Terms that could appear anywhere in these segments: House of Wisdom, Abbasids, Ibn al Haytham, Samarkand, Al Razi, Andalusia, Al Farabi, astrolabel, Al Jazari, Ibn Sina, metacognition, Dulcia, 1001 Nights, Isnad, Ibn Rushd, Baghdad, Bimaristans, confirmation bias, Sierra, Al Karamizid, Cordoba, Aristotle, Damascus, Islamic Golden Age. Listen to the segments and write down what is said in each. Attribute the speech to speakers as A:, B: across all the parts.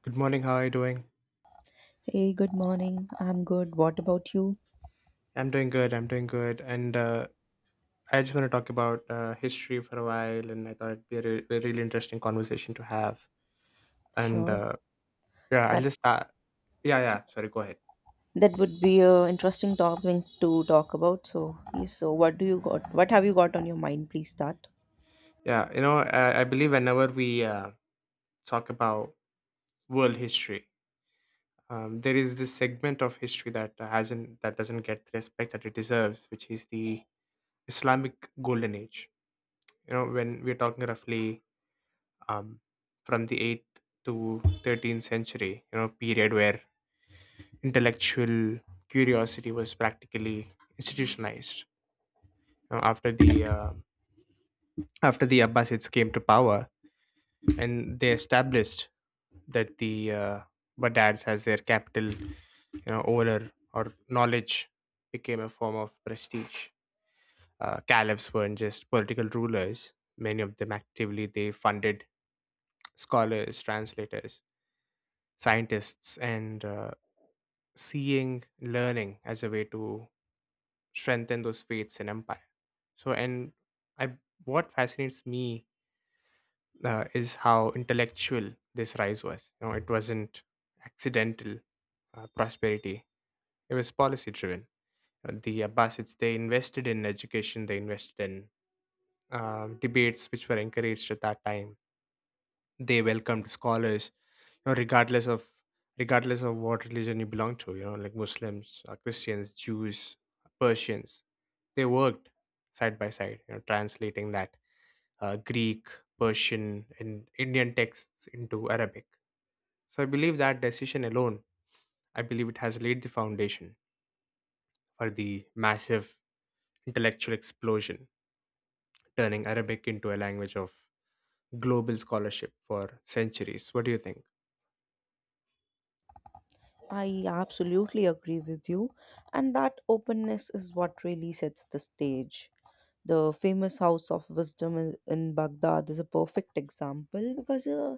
A: Good morning. How are you doing?
B: Hey, good morning. I'm good. What about you?
A: I'm doing good. I'm doing good. And I just want to talk about history for a while, and I thought it'd be a really interesting conversation to have. And
B: Sure.
A: yeah, I'll
B: That
A: just Yeah, yeah. Sorry, go ahead.
B: that would be a interesting topic to talk about. So, yes, so what do you got? What have you got on your mind? Please start.
A: Yeah, I believe whenever we talk about world history, there is this segment of history that doesn't get the respect that it deserves, which is the Islamic Golden Age. You know, when we're talking roughly um, from the 8th to 13th century, you know, period where intellectual curiosity was practically institutionalized, you know, after the abbasids came to power and they established that the badads as their capital. You know, over or knowledge became a form of prestige. Uh, caliphs weren't just political rulers, many of them actively they funded scholars, translators, scientists, and seeing learning as a way to strengthen those faiths and empire. So and i what fascinates me is how intellectual this rise was, you know, it wasn't accidental prosperity, it was policy driven. The abbasids, they invested in education, they invested in debates which were encouraged at that time. They welcomed scholars, you know, regardless of what religion you belong to, you know, like muslims, christians, jews, persians, they worked side by side, you know, translating that greek, persian and indian texts into arabic. So I believe that decision alone, I believe it has laid the foundation for the massive intellectual explosion, turning arabic into a language of global scholarship for centuries. What do you think?
B: I absolutely agree with you, and that openness is what really sets the stage. The famous House of Wisdom in Baghdad is a perfect example because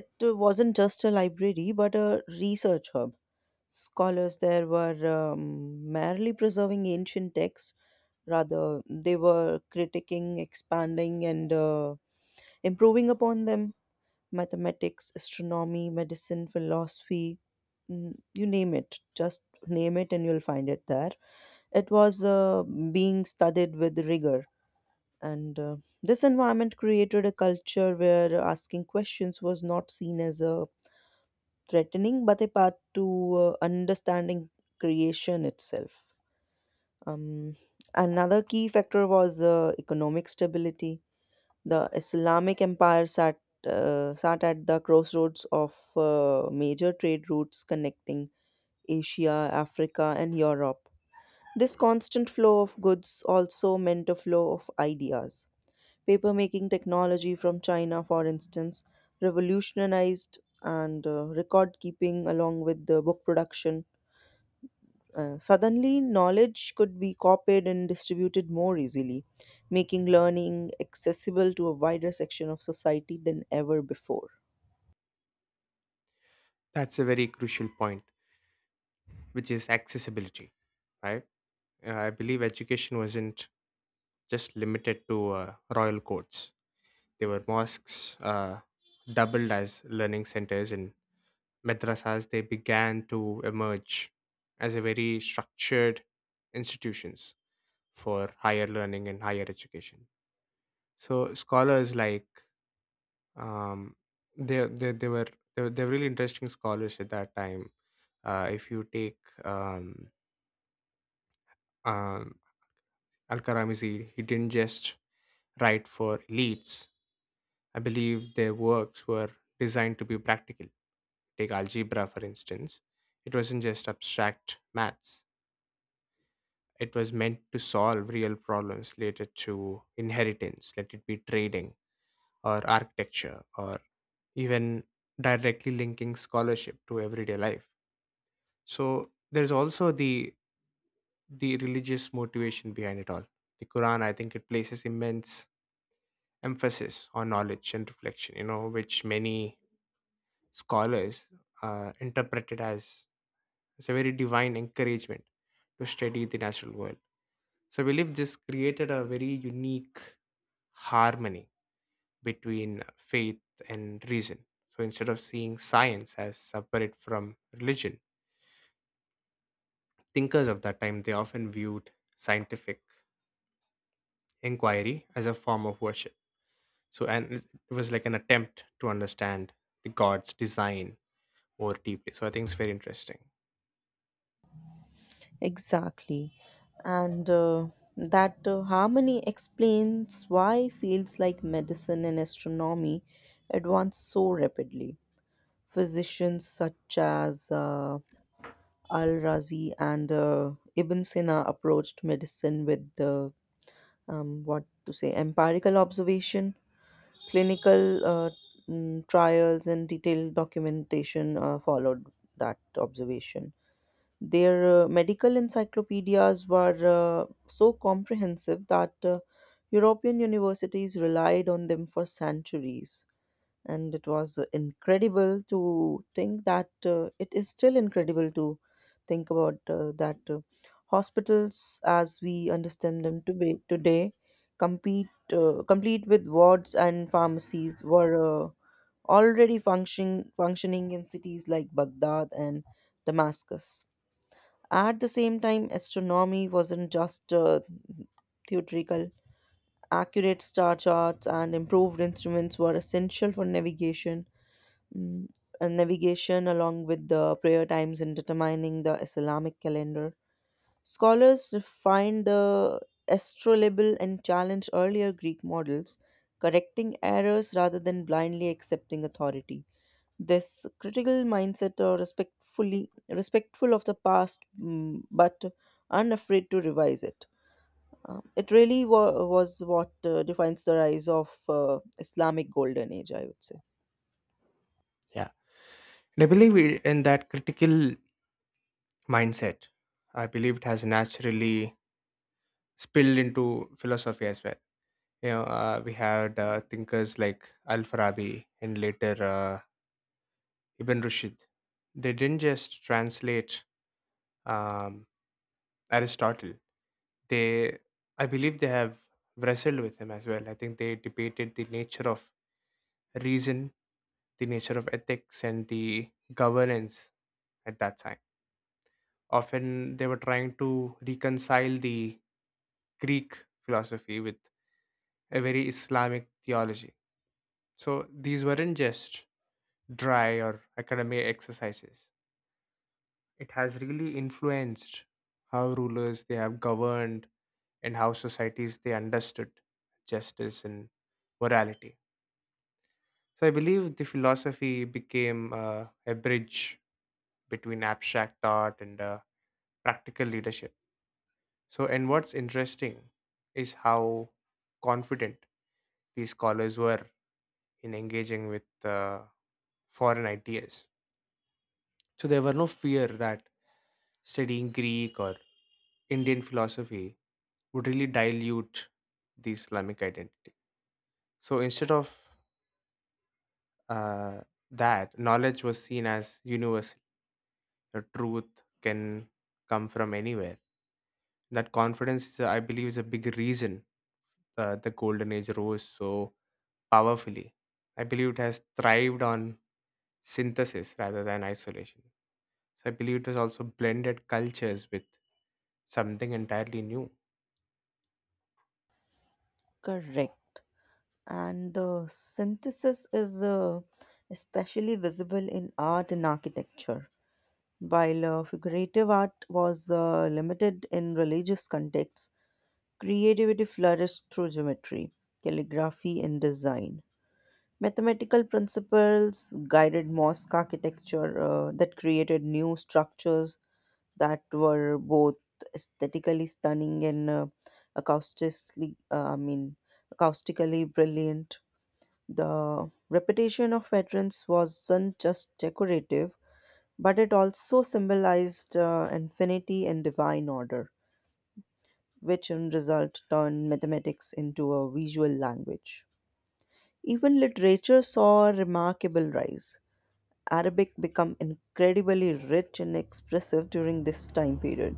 B: it wasn't just a library but a research hub. Scholars there were merely preserving ancient texts. Rather, they were critiquing, expanding, and improving upon them. Mathematics, astronomy, medicine, philosophy, you name it. Just name it and you'll find it there. It was being studied with rigor. And This environment created a culture where asking questions was not seen as a threatening, but a part to understanding creation itself. Um, Another key factor was economic stability. The Islamic Empire sat at the crossroads of major trade routes connecting Asia, Africa, and Europe. This constant flow of goods also meant a flow of ideas. Papermaking technology from China, for instance, revolutionized and record keeping along with the book production. Suddenly, knowledge could be copied and distributed more easily, making learning accessible to a wider section of society than ever before.
A: That's a very crucial point, which is accessibility, right? I believe education wasn't just limited to royal courts. There were mosques doubled as learning centers, and madrasas. They began to emerge as a very structured institutions for higher learning and higher education. So scholars like, um, they were, they were they were really interesting scholars at that time. If you take, um, um, Al Karamizid, he didn't just write for elites. I believe their works were designed to be practical. Take algebra, for instance. It wasn't just abstract maths, it was meant to solve real problems related to inheritance, let it be trading or architecture, or even directly linking scholarship to everyday life. So there's also the religious motivation behind it all. The Quran, I think, it places immense emphasis on knowledge and reflection, you know, which many scholars interpreted as a very divine encouragement to study the natural world. So I believe this created a very unique harmony between faith and reason. So instead of seeing science as separate from religion, thinkers of that time, they often viewed scientific inquiry as a form of worship. So and it was like an attempt to understand the God's design more deeply. So I think it's very interesting.
B: Exactly. And That harmony explains why fields like medicine and astronomy advance so rapidly. Physicians such as Al Razi and Ibn Sina approached medicine with the what to say empirical observation, clinical trials, and detailed documentation followed that observation. Their medical encyclopedias were so comprehensive that European universities relied on them for centuries, and it was incredible to think that it is still incredible to think about that hospitals as we understand them to be today compete complete with wards and pharmacies were already functioning in cities like Baghdad and Damascus. At the same time, astronomy wasn't just theoretical. Accurate star charts and improved instruments were essential for navigation. Mm, Navigation along with the prayer times and determining the Islamic calendar. Scholars refined the astrolabel and challenged earlier Greek models, correcting errors rather than blindly accepting authority. This critical mindset or respectful of the past, but unafraid to revise it. It really was what defines the rise of Islamic Golden Age, I would say.
A: Yeah. And I believe in that critical mindset, I believe it has naturally spilled into philosophy as well. You know, we had thinkers like Al Farabi and later Ibn Rushd. They didn't just translate, um, Aristotle, they, I believe they have wrestled with him as well. I think they debated the nature of reason, the nature of ethics and the governance at that time. Often they were trying to reconcile the Greek philosophy with a very Islamic theology. So these weren't just dry or academic exercises. It has really influenced how rulers they have governed and how societies they understood justice and morality. So I believe the philosophy became a bridge between abstract thought and practical leadership. So, and what's interesting is how confident these scholars were in engaging with foreign ideas. So, there were no fear that studying Greek or Indian philosophy would really dilute the Islamic identity. So, instead of uh, that, knowledge was seen as universal. The truth can come from anywhere. That confidence is, I believe, is a big reason the golden age rose so powerfully. I believe it has thrived on synthesis rather than isolation. So I believe it has also blended cultures with something entirely new.
B: Correct. And the synthesis is especially visible in art and architecture. While figurative art was limited in religious contexts, creativity flourished through geometry, calligraphy, and design. Mathematical principles guided mosque architecture that created new structures that were both aesthetically stunning and acoustically, uh, I mean, acoustically brilliant. The reputation of veterans wasn't just decorative, but it also symbolized infinity and divine order, which in result turned mathematics into a visual language. Even literature saw a remarkable rise. Arabic became incredibly rich and expressive during this time period.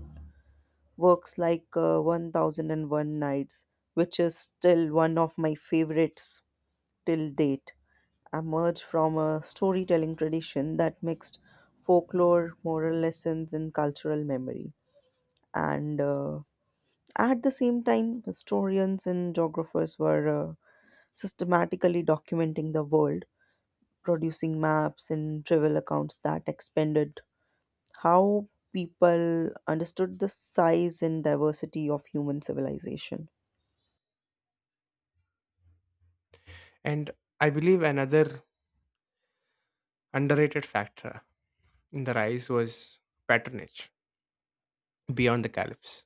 B: Works like 1001 Nights, which is still one of my favorites till date, emerged from a storytelling tradition that mixed folklore, moral lessons, and cultural memory. And At the same time, historians and geographers were systematically documenting the world, producing maps and travel accounts that expanded how people understood the size and diversity of human civilization.
A: And I believe another underrated factor in the rise was patronage beyond the caliphs.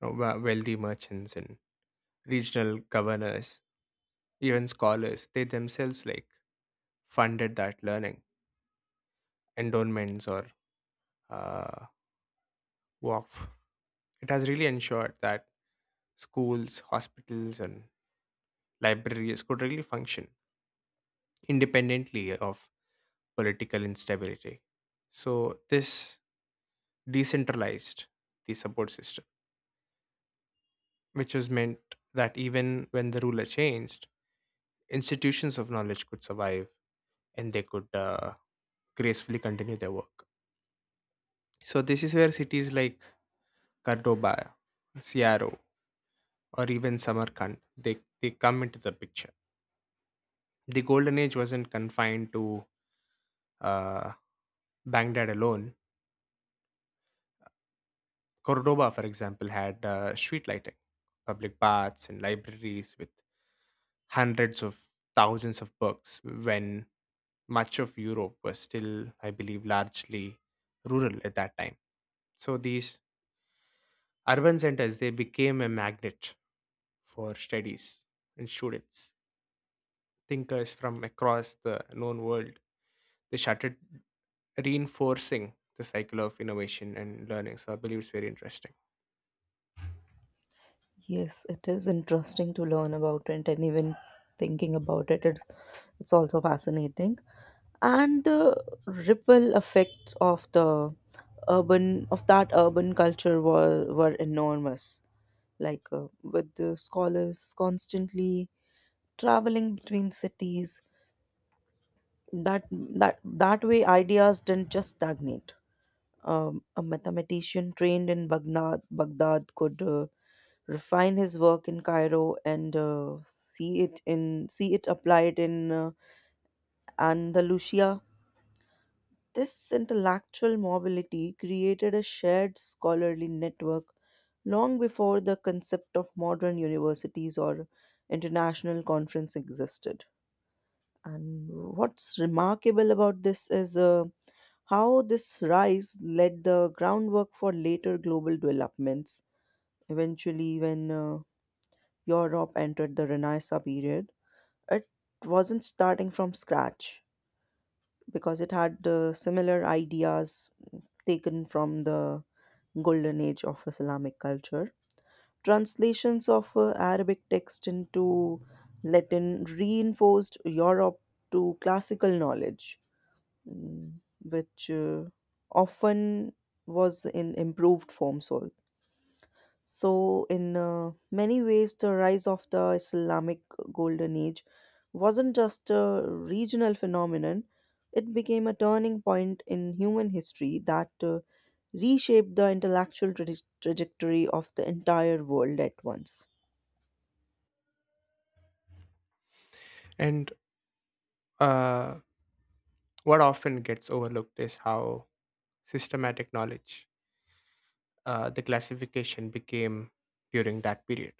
A: You know, wealthy merchants and regional governors, even scholars, they themselves like funded that learning, endowments or uh, waqf. It has really ensured that schools, hospitals, and libraries could really function independently of political instability. So, this decentralized the support system, which was meant that even when the ruler changed, institutions of knowledge could survive and they could gracefully continue their work. So, this is where cities like Cordoba, Sierra, or even Samarkand, they come into the picture. The Golden Age wasn't confined to, Uh, Baghdad alone. Cordoba, for example, had street lighting, public baths, and libraries with hundreds of thousands of books when much of Europe was still, I believe, largely rural at that time. So these urban centers, they became a magnet for studies and students, thinkers from across the known world. They started reinforcing the cycle of innovation and learning. So I believe it's very interesting.
B: Yes, it is interesting to learn about it, and even thinking about it, it's also fascinating. And the ripple effects of the urban of that urban culture were enormous. Like with the scholars constantly traveling between cities, that way ideas didn't just stagnate. A mathematician trained in Baghdad could refine his work in Cairo and see it applied in Andalusia. This intellectual mobility created a shared scholarly network long before the concept of modern universities or international conference existed. And what's remarkable about this is how this rise laid the groundwork for later global developments. Eventually, when Europe entered the Renaissance period, it wasn't starting from scratch because it had similar ideas taken from the Golden Age of Islamic culture. Translations of Arabic text into Latin reinforced Europe to classical knowledge, mm, which often was in improved forms. So, in many ways, the rise of the Islamic Golden Age wasn't just a regional phenomenon, it became a turning point in human history that reshaped the intellectual trajectory of the entire world at once.
A: And uh, What often gets overlooked is how systematic knowledge, the classification became during that period.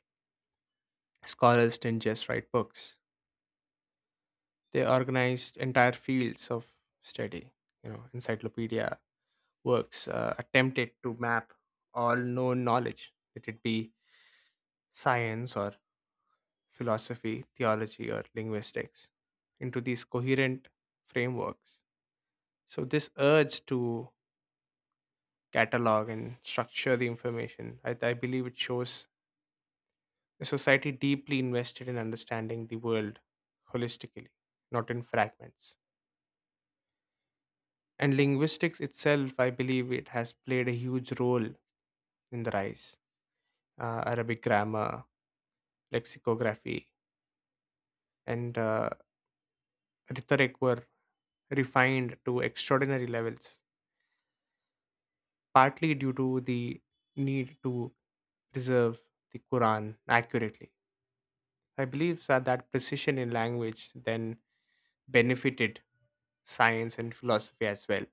A: Scholars didn't just write books, they organized entire fields of study. You know, encyclopedia works attempted to map all known knowledge, let it be science or philosophy, theology, or linguistics, into these coherent frameworks. So, this urge to catalog and structure the information. I believe it shows a society deeply invested in understanding the world holistically, not in fragments. And linguistics itself, I believe it has played a huge role in the rise. Arabic grammar, lexicography, and rhetoric were refined to extraordinary levels, partly due to the need to preserve the Quran accurately. I believe that precision in language then benefited science and philosophy as well,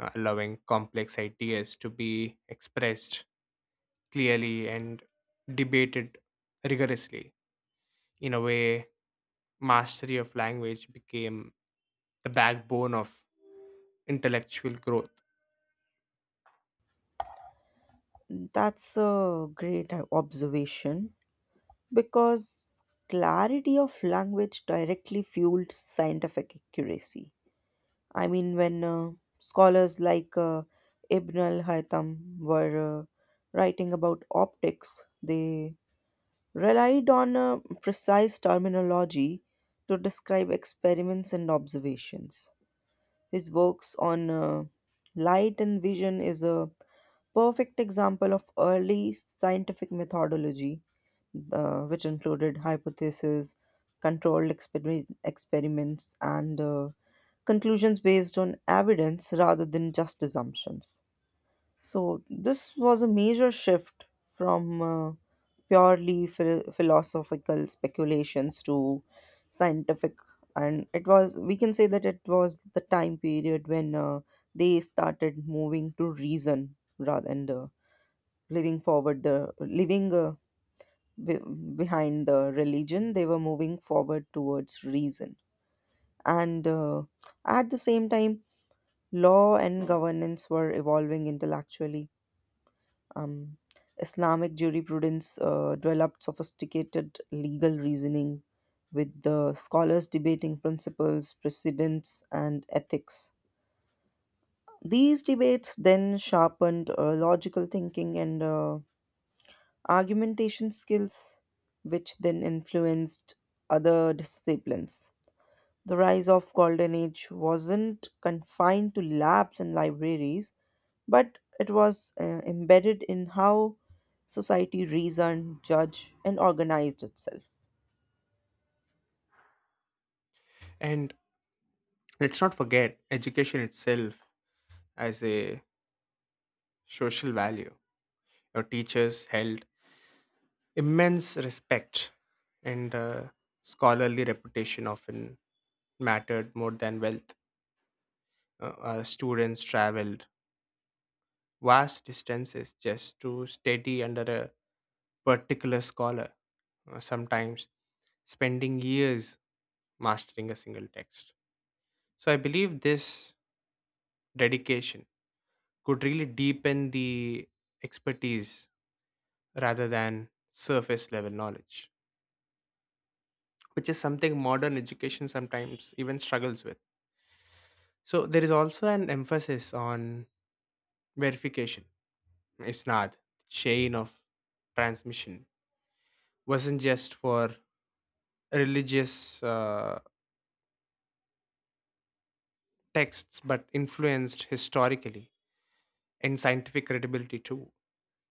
A: allowing complex ideas to be expressed clearly and debated rigorously. In a way, mastery of language became the backbone of intellectual growth.
B: That's a great observation, because clarity of language directly fueled scientific accuracy. I mean, when scholars like Ibn al Haytham were writing about optics, they relied on precise terminology to describe experiments and observations. His works on light and vision is a perfect example of early scientific methodology, which included hypotheses, controlled experiments, and conclusions based on evidence rather than just assumptions. So, this was a major shift from purely philosophical speculations to scientific. And it was, we can say that it was the time period when they started moving to reason rather than living forward, the living be- behind the religion. They were moving forward towards reason, and at the same time, law and governance were evolving intellectually. um, Islamic jurisprudence developed sophisticated legal reasoning, with the scholars debating principles, precedents, and ethics. These debates then sharpened logical thinking and argumentation skills, which then influenced other disciplines. The rise of Golden Age wasn't confined to labs and libraries, but it was embedded in how society reasoned, judged, and organized itself.
A: And let's not forget education itself as a social value. Your teachers held immense respect and scholarly reputation often mattered more than wealth. Students traveled vast distances just to study under a particular scholar, sometimes spending years mastering a single text. So I believe this dedication could really deepen the expertise rather than surface level knowledge, which is something modern education sometimes even struggles with. So there is also an emphasis on verification. Isnad, chain of transmission, wasn't just for religious texts, but influenced historically and scientific credibility too.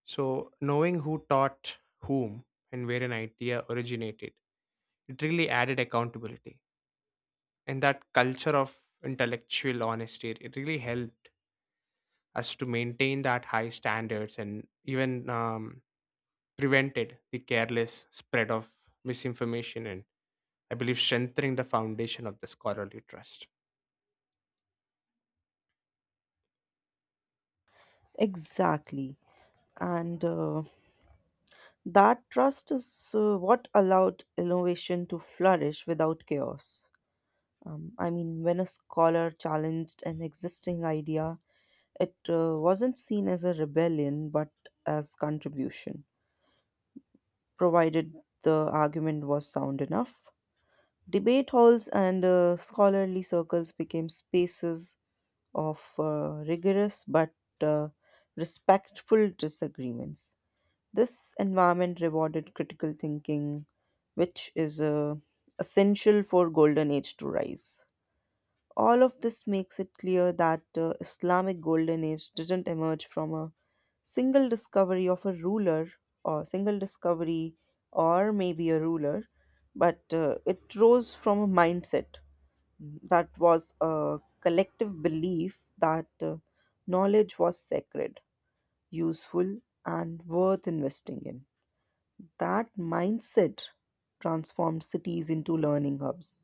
A: So knowing who taught whom and where an idea originated, it really added accountability. And that culture of intellectual honesty, it really helped us to maintain that high standards and even prevented the careless spread of misinformation and I believe strengthening the foundation of the scholarly trust.
B: Exactly. And That trust is what allowed innovation to flourish without chaos. I mean, when a scholar challenged an existing idea, it wasn't seen as a rebellion but as contribution, provided the argument was sound enough. Debate halls and scholarly circles became spaces of rigorous but uh, respectful disagreements. This environment rewarded critical thinking, which is essential for golden age to rise. All of this makes it clear that the Islamic Golden Age didn't emerge from a single discovery of a ruler or single discovery or maybe a ruler, but it rose from a mindset that was a collective belief that knowledge was sacred, useful, and worth investing in. That mindset transformed cities into learning hubs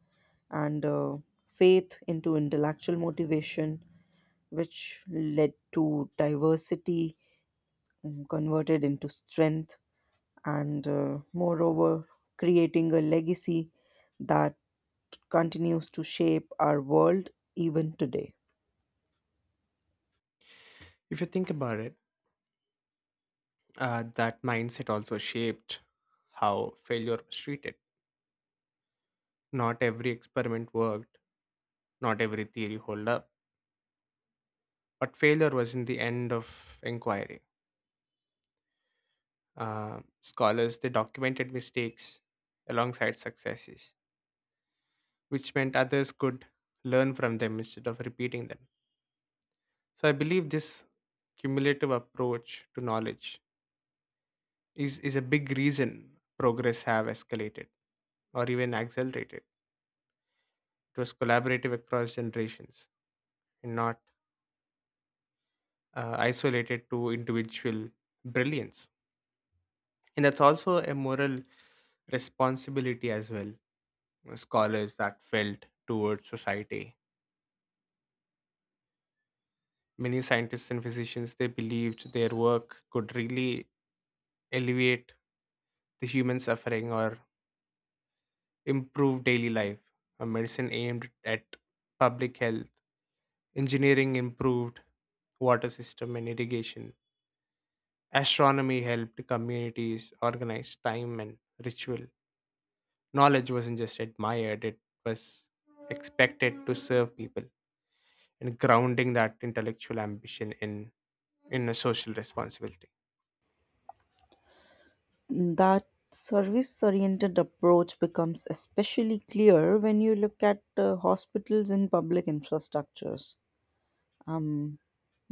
B: and faith into intellectual motivation, which led to diversity converted into strength, and moreover, creating a legacy that continues to shape our world even today.
A: If you think about it, that mindset also shaped how failure was treated. Not every experiment worked, not every theory held up, but failure was in the end of inquiry. Scholars, they documented mistakes alongside successes, which meant others could learn from them instead of repeating them. So I believe this cumulative approach to knowledge is a big reason progress have escalated or even accelerated. It was collaborative across generations and not isolated to individual brilliance. And that's also a moral responsibility as well. You know, scholars that felt towards society. Many scientists and physicians, they believed their work could really alleviate the human suffering or improve daily life. A medicine aimed at public health. Engineering improved water system and irrigation. Astronomy helped communities organize time and ritual. Knowledge wasn't just admired, it was expected to serve people and grounding that intellectual ambition in a social responsibility.
B: That service oriented approach becomes especially clear when you look at hospitals and public infrastructures. Um,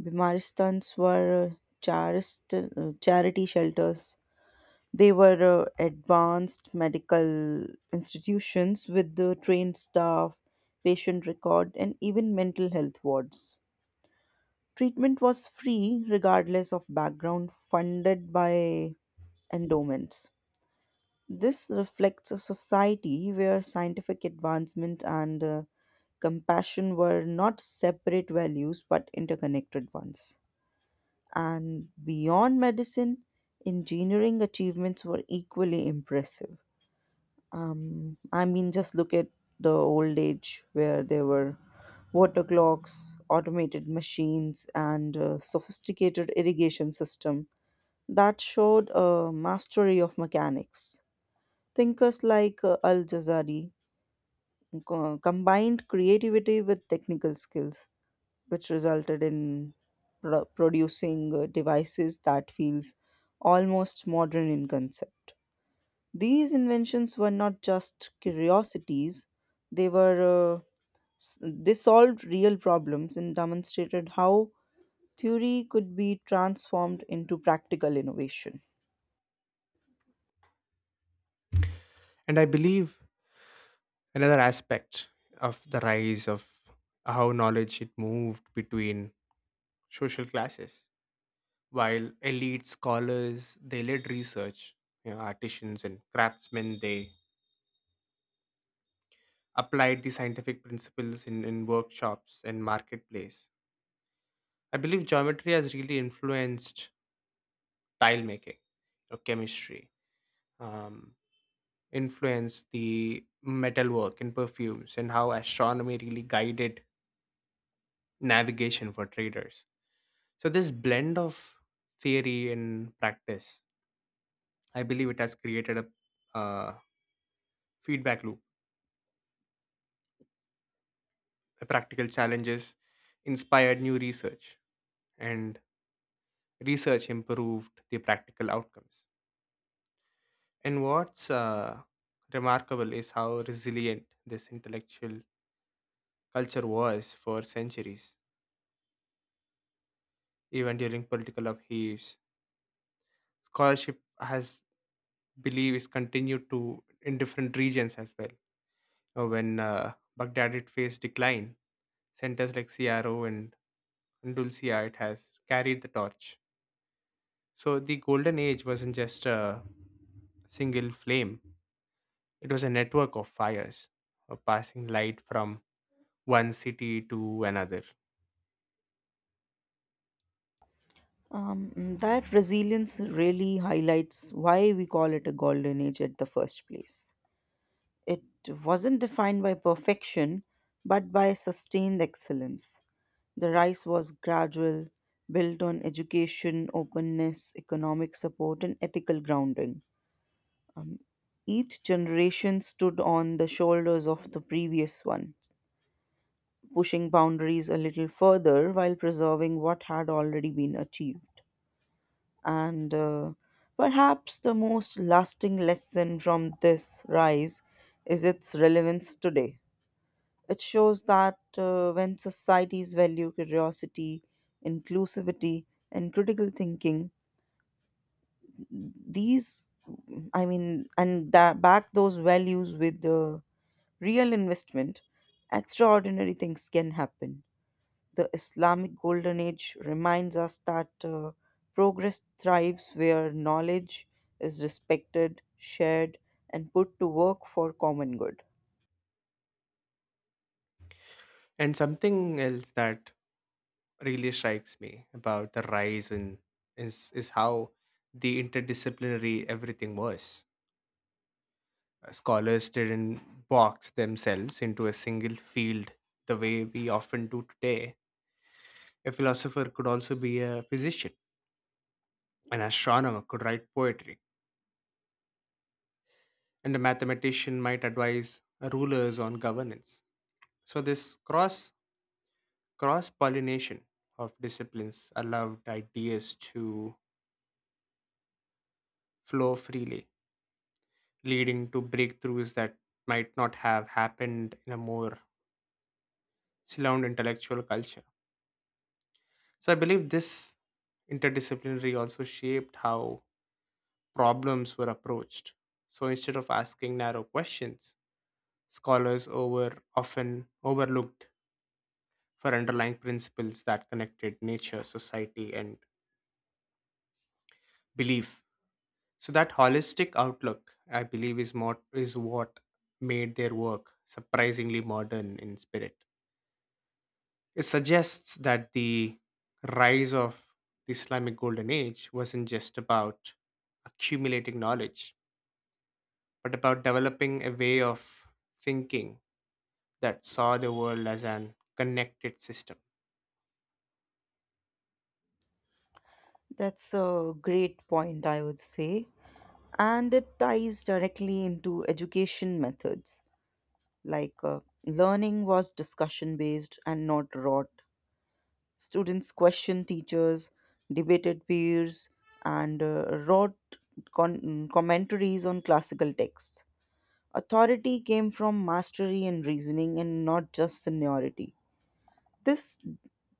B: Bimaristans were charity shelters. They were advanced medical institutions with the trained staff, patient record, and even mental health wards. Treatment was free regardless of background, funded by endowments. This reflects a society where scientific advancement and compassion were not separate values but interconnected ones. And beyond medicine, engineering achievements were equally impressive. I mean, just look at the old age where there were water clocks, automated machines, and a sophisticated irrigation system that showed a mastery of mechanics. Thinkers like Al Jazari combined creativity with technical skills, which resulted in producing devices that feels almost modern in concept. These inventions were not just curiosities; they were they solved real problems and demonstrated how theory could be transformed into practical innovation.
A: And I believe another aspect of the rise of how knowledge it moved between social classes, while elite scholars they led research, you know, artisans and craftsmen, they applied the scientific principles in workshops and marketplace. I believe geometry has really influenced tile making, or chemistry, um, influenced the metalwork and perfumes, and how astronomy really guided navigation for traders. So this blend of theory and practice, I believe it has created a feedback loop. Practical challenges inspired new research, and research improved the practical outcomes. And what's remarkable is how resilient this intellectual culture was for centuries, even during political upheavals. Scholarship has believe is continued to in different regions as well. When Baghdad it faced decline, centers like CRO and Dulcia it has carried the torch. So the golden age wasn't just a single flame, it was a network of fires, of passing light from one city to another.
B: That resilience really highlights why we call it a golden age at the first place. It wasn't defined by perfection, but by sustained excellence. The rise was gradual, built on education, openness, economic support, and ethical grounding. Um, each generation stood on the shoulders of the previous one, pushing boundaries a little further while preserving what had already been achieved. And Perhaps the most lasting lesson from this rise is its relevance today. It shows that when societies value curiosity, inclusivity, and critical thinking, these, I mean, and that back those values with the real investment, extraordinary things can happen. The Islamic Golden Age reminds us that progress thrives where knowledge is respected, shared, and put to work for common good.
A: And something else that really strikes me about the rise in is how the interdisciplinary everything was. Scholars didn't box themselves into a single field the way we often do today. A philosopher could also be a physician. An astronomer could write poetry and a mathematician might advise rulers on governance. So this cross pollination of disciplines allowed ideas to flow freely, leading to breakthroughs that might not have happened in a more sound intellectual culture. So I believe this interdisciplinary also shaped how problems were approached. So instead of asking narrow questions, scholars over often overlooked for underlying principles that connected nature, society, and belief. So that holistic outlook, I believe, is more is what made their work surprisingly modern in spirit. It suggests that the rise of the Islamic Golden Age wasn't just about accumulating knowledge, but about developing a way of thinking that saw the world as an connected system.
B: That's a great point, I would say, and it ties directly into education methods. Like learning was discussion based and not rote. Students questioned teachers, debated peers, and wrote commentaries on classical texts. Authority came from mastery and reasoning and not just seniority. this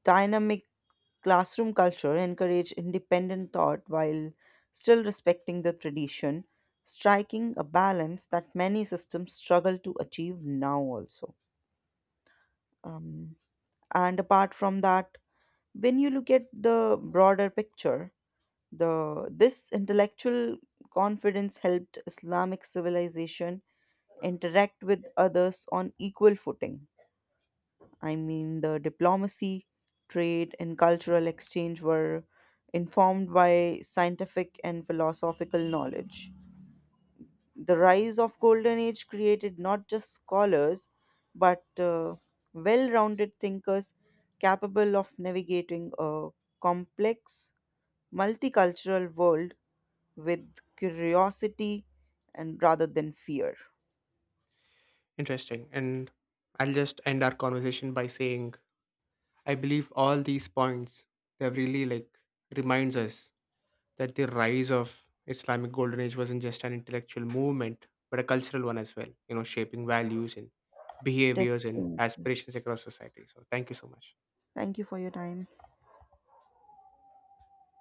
B: dynamic classroom culture encourage independent thought while still respecting the tradition, striking a balance that many systems struggle to achieve now also. Um, and apart from that, when you look at the broader picture, the this intellectual confidence helped Islamic civilization interact with others on equal footing. I mean, the diplomacy, trade, and cultural exchange were informed by scientific and philosophical knowledge. The rise of Golden Age created not just scholars, but well rounded thinkers capable of navigating a complex, multicultural world with curiosity and rather than fear.
A: Interesting. And I'll just end our conversation by saying I believe all these points, they really like reminds us that the rise of Islamic Golden Age wasn't just an intellectual movement, but a cultural one as well, you know, shaping values and behaviors and
B: Definitely.
A: aspirations across society. So thank you so much.
B: Thank you for your time.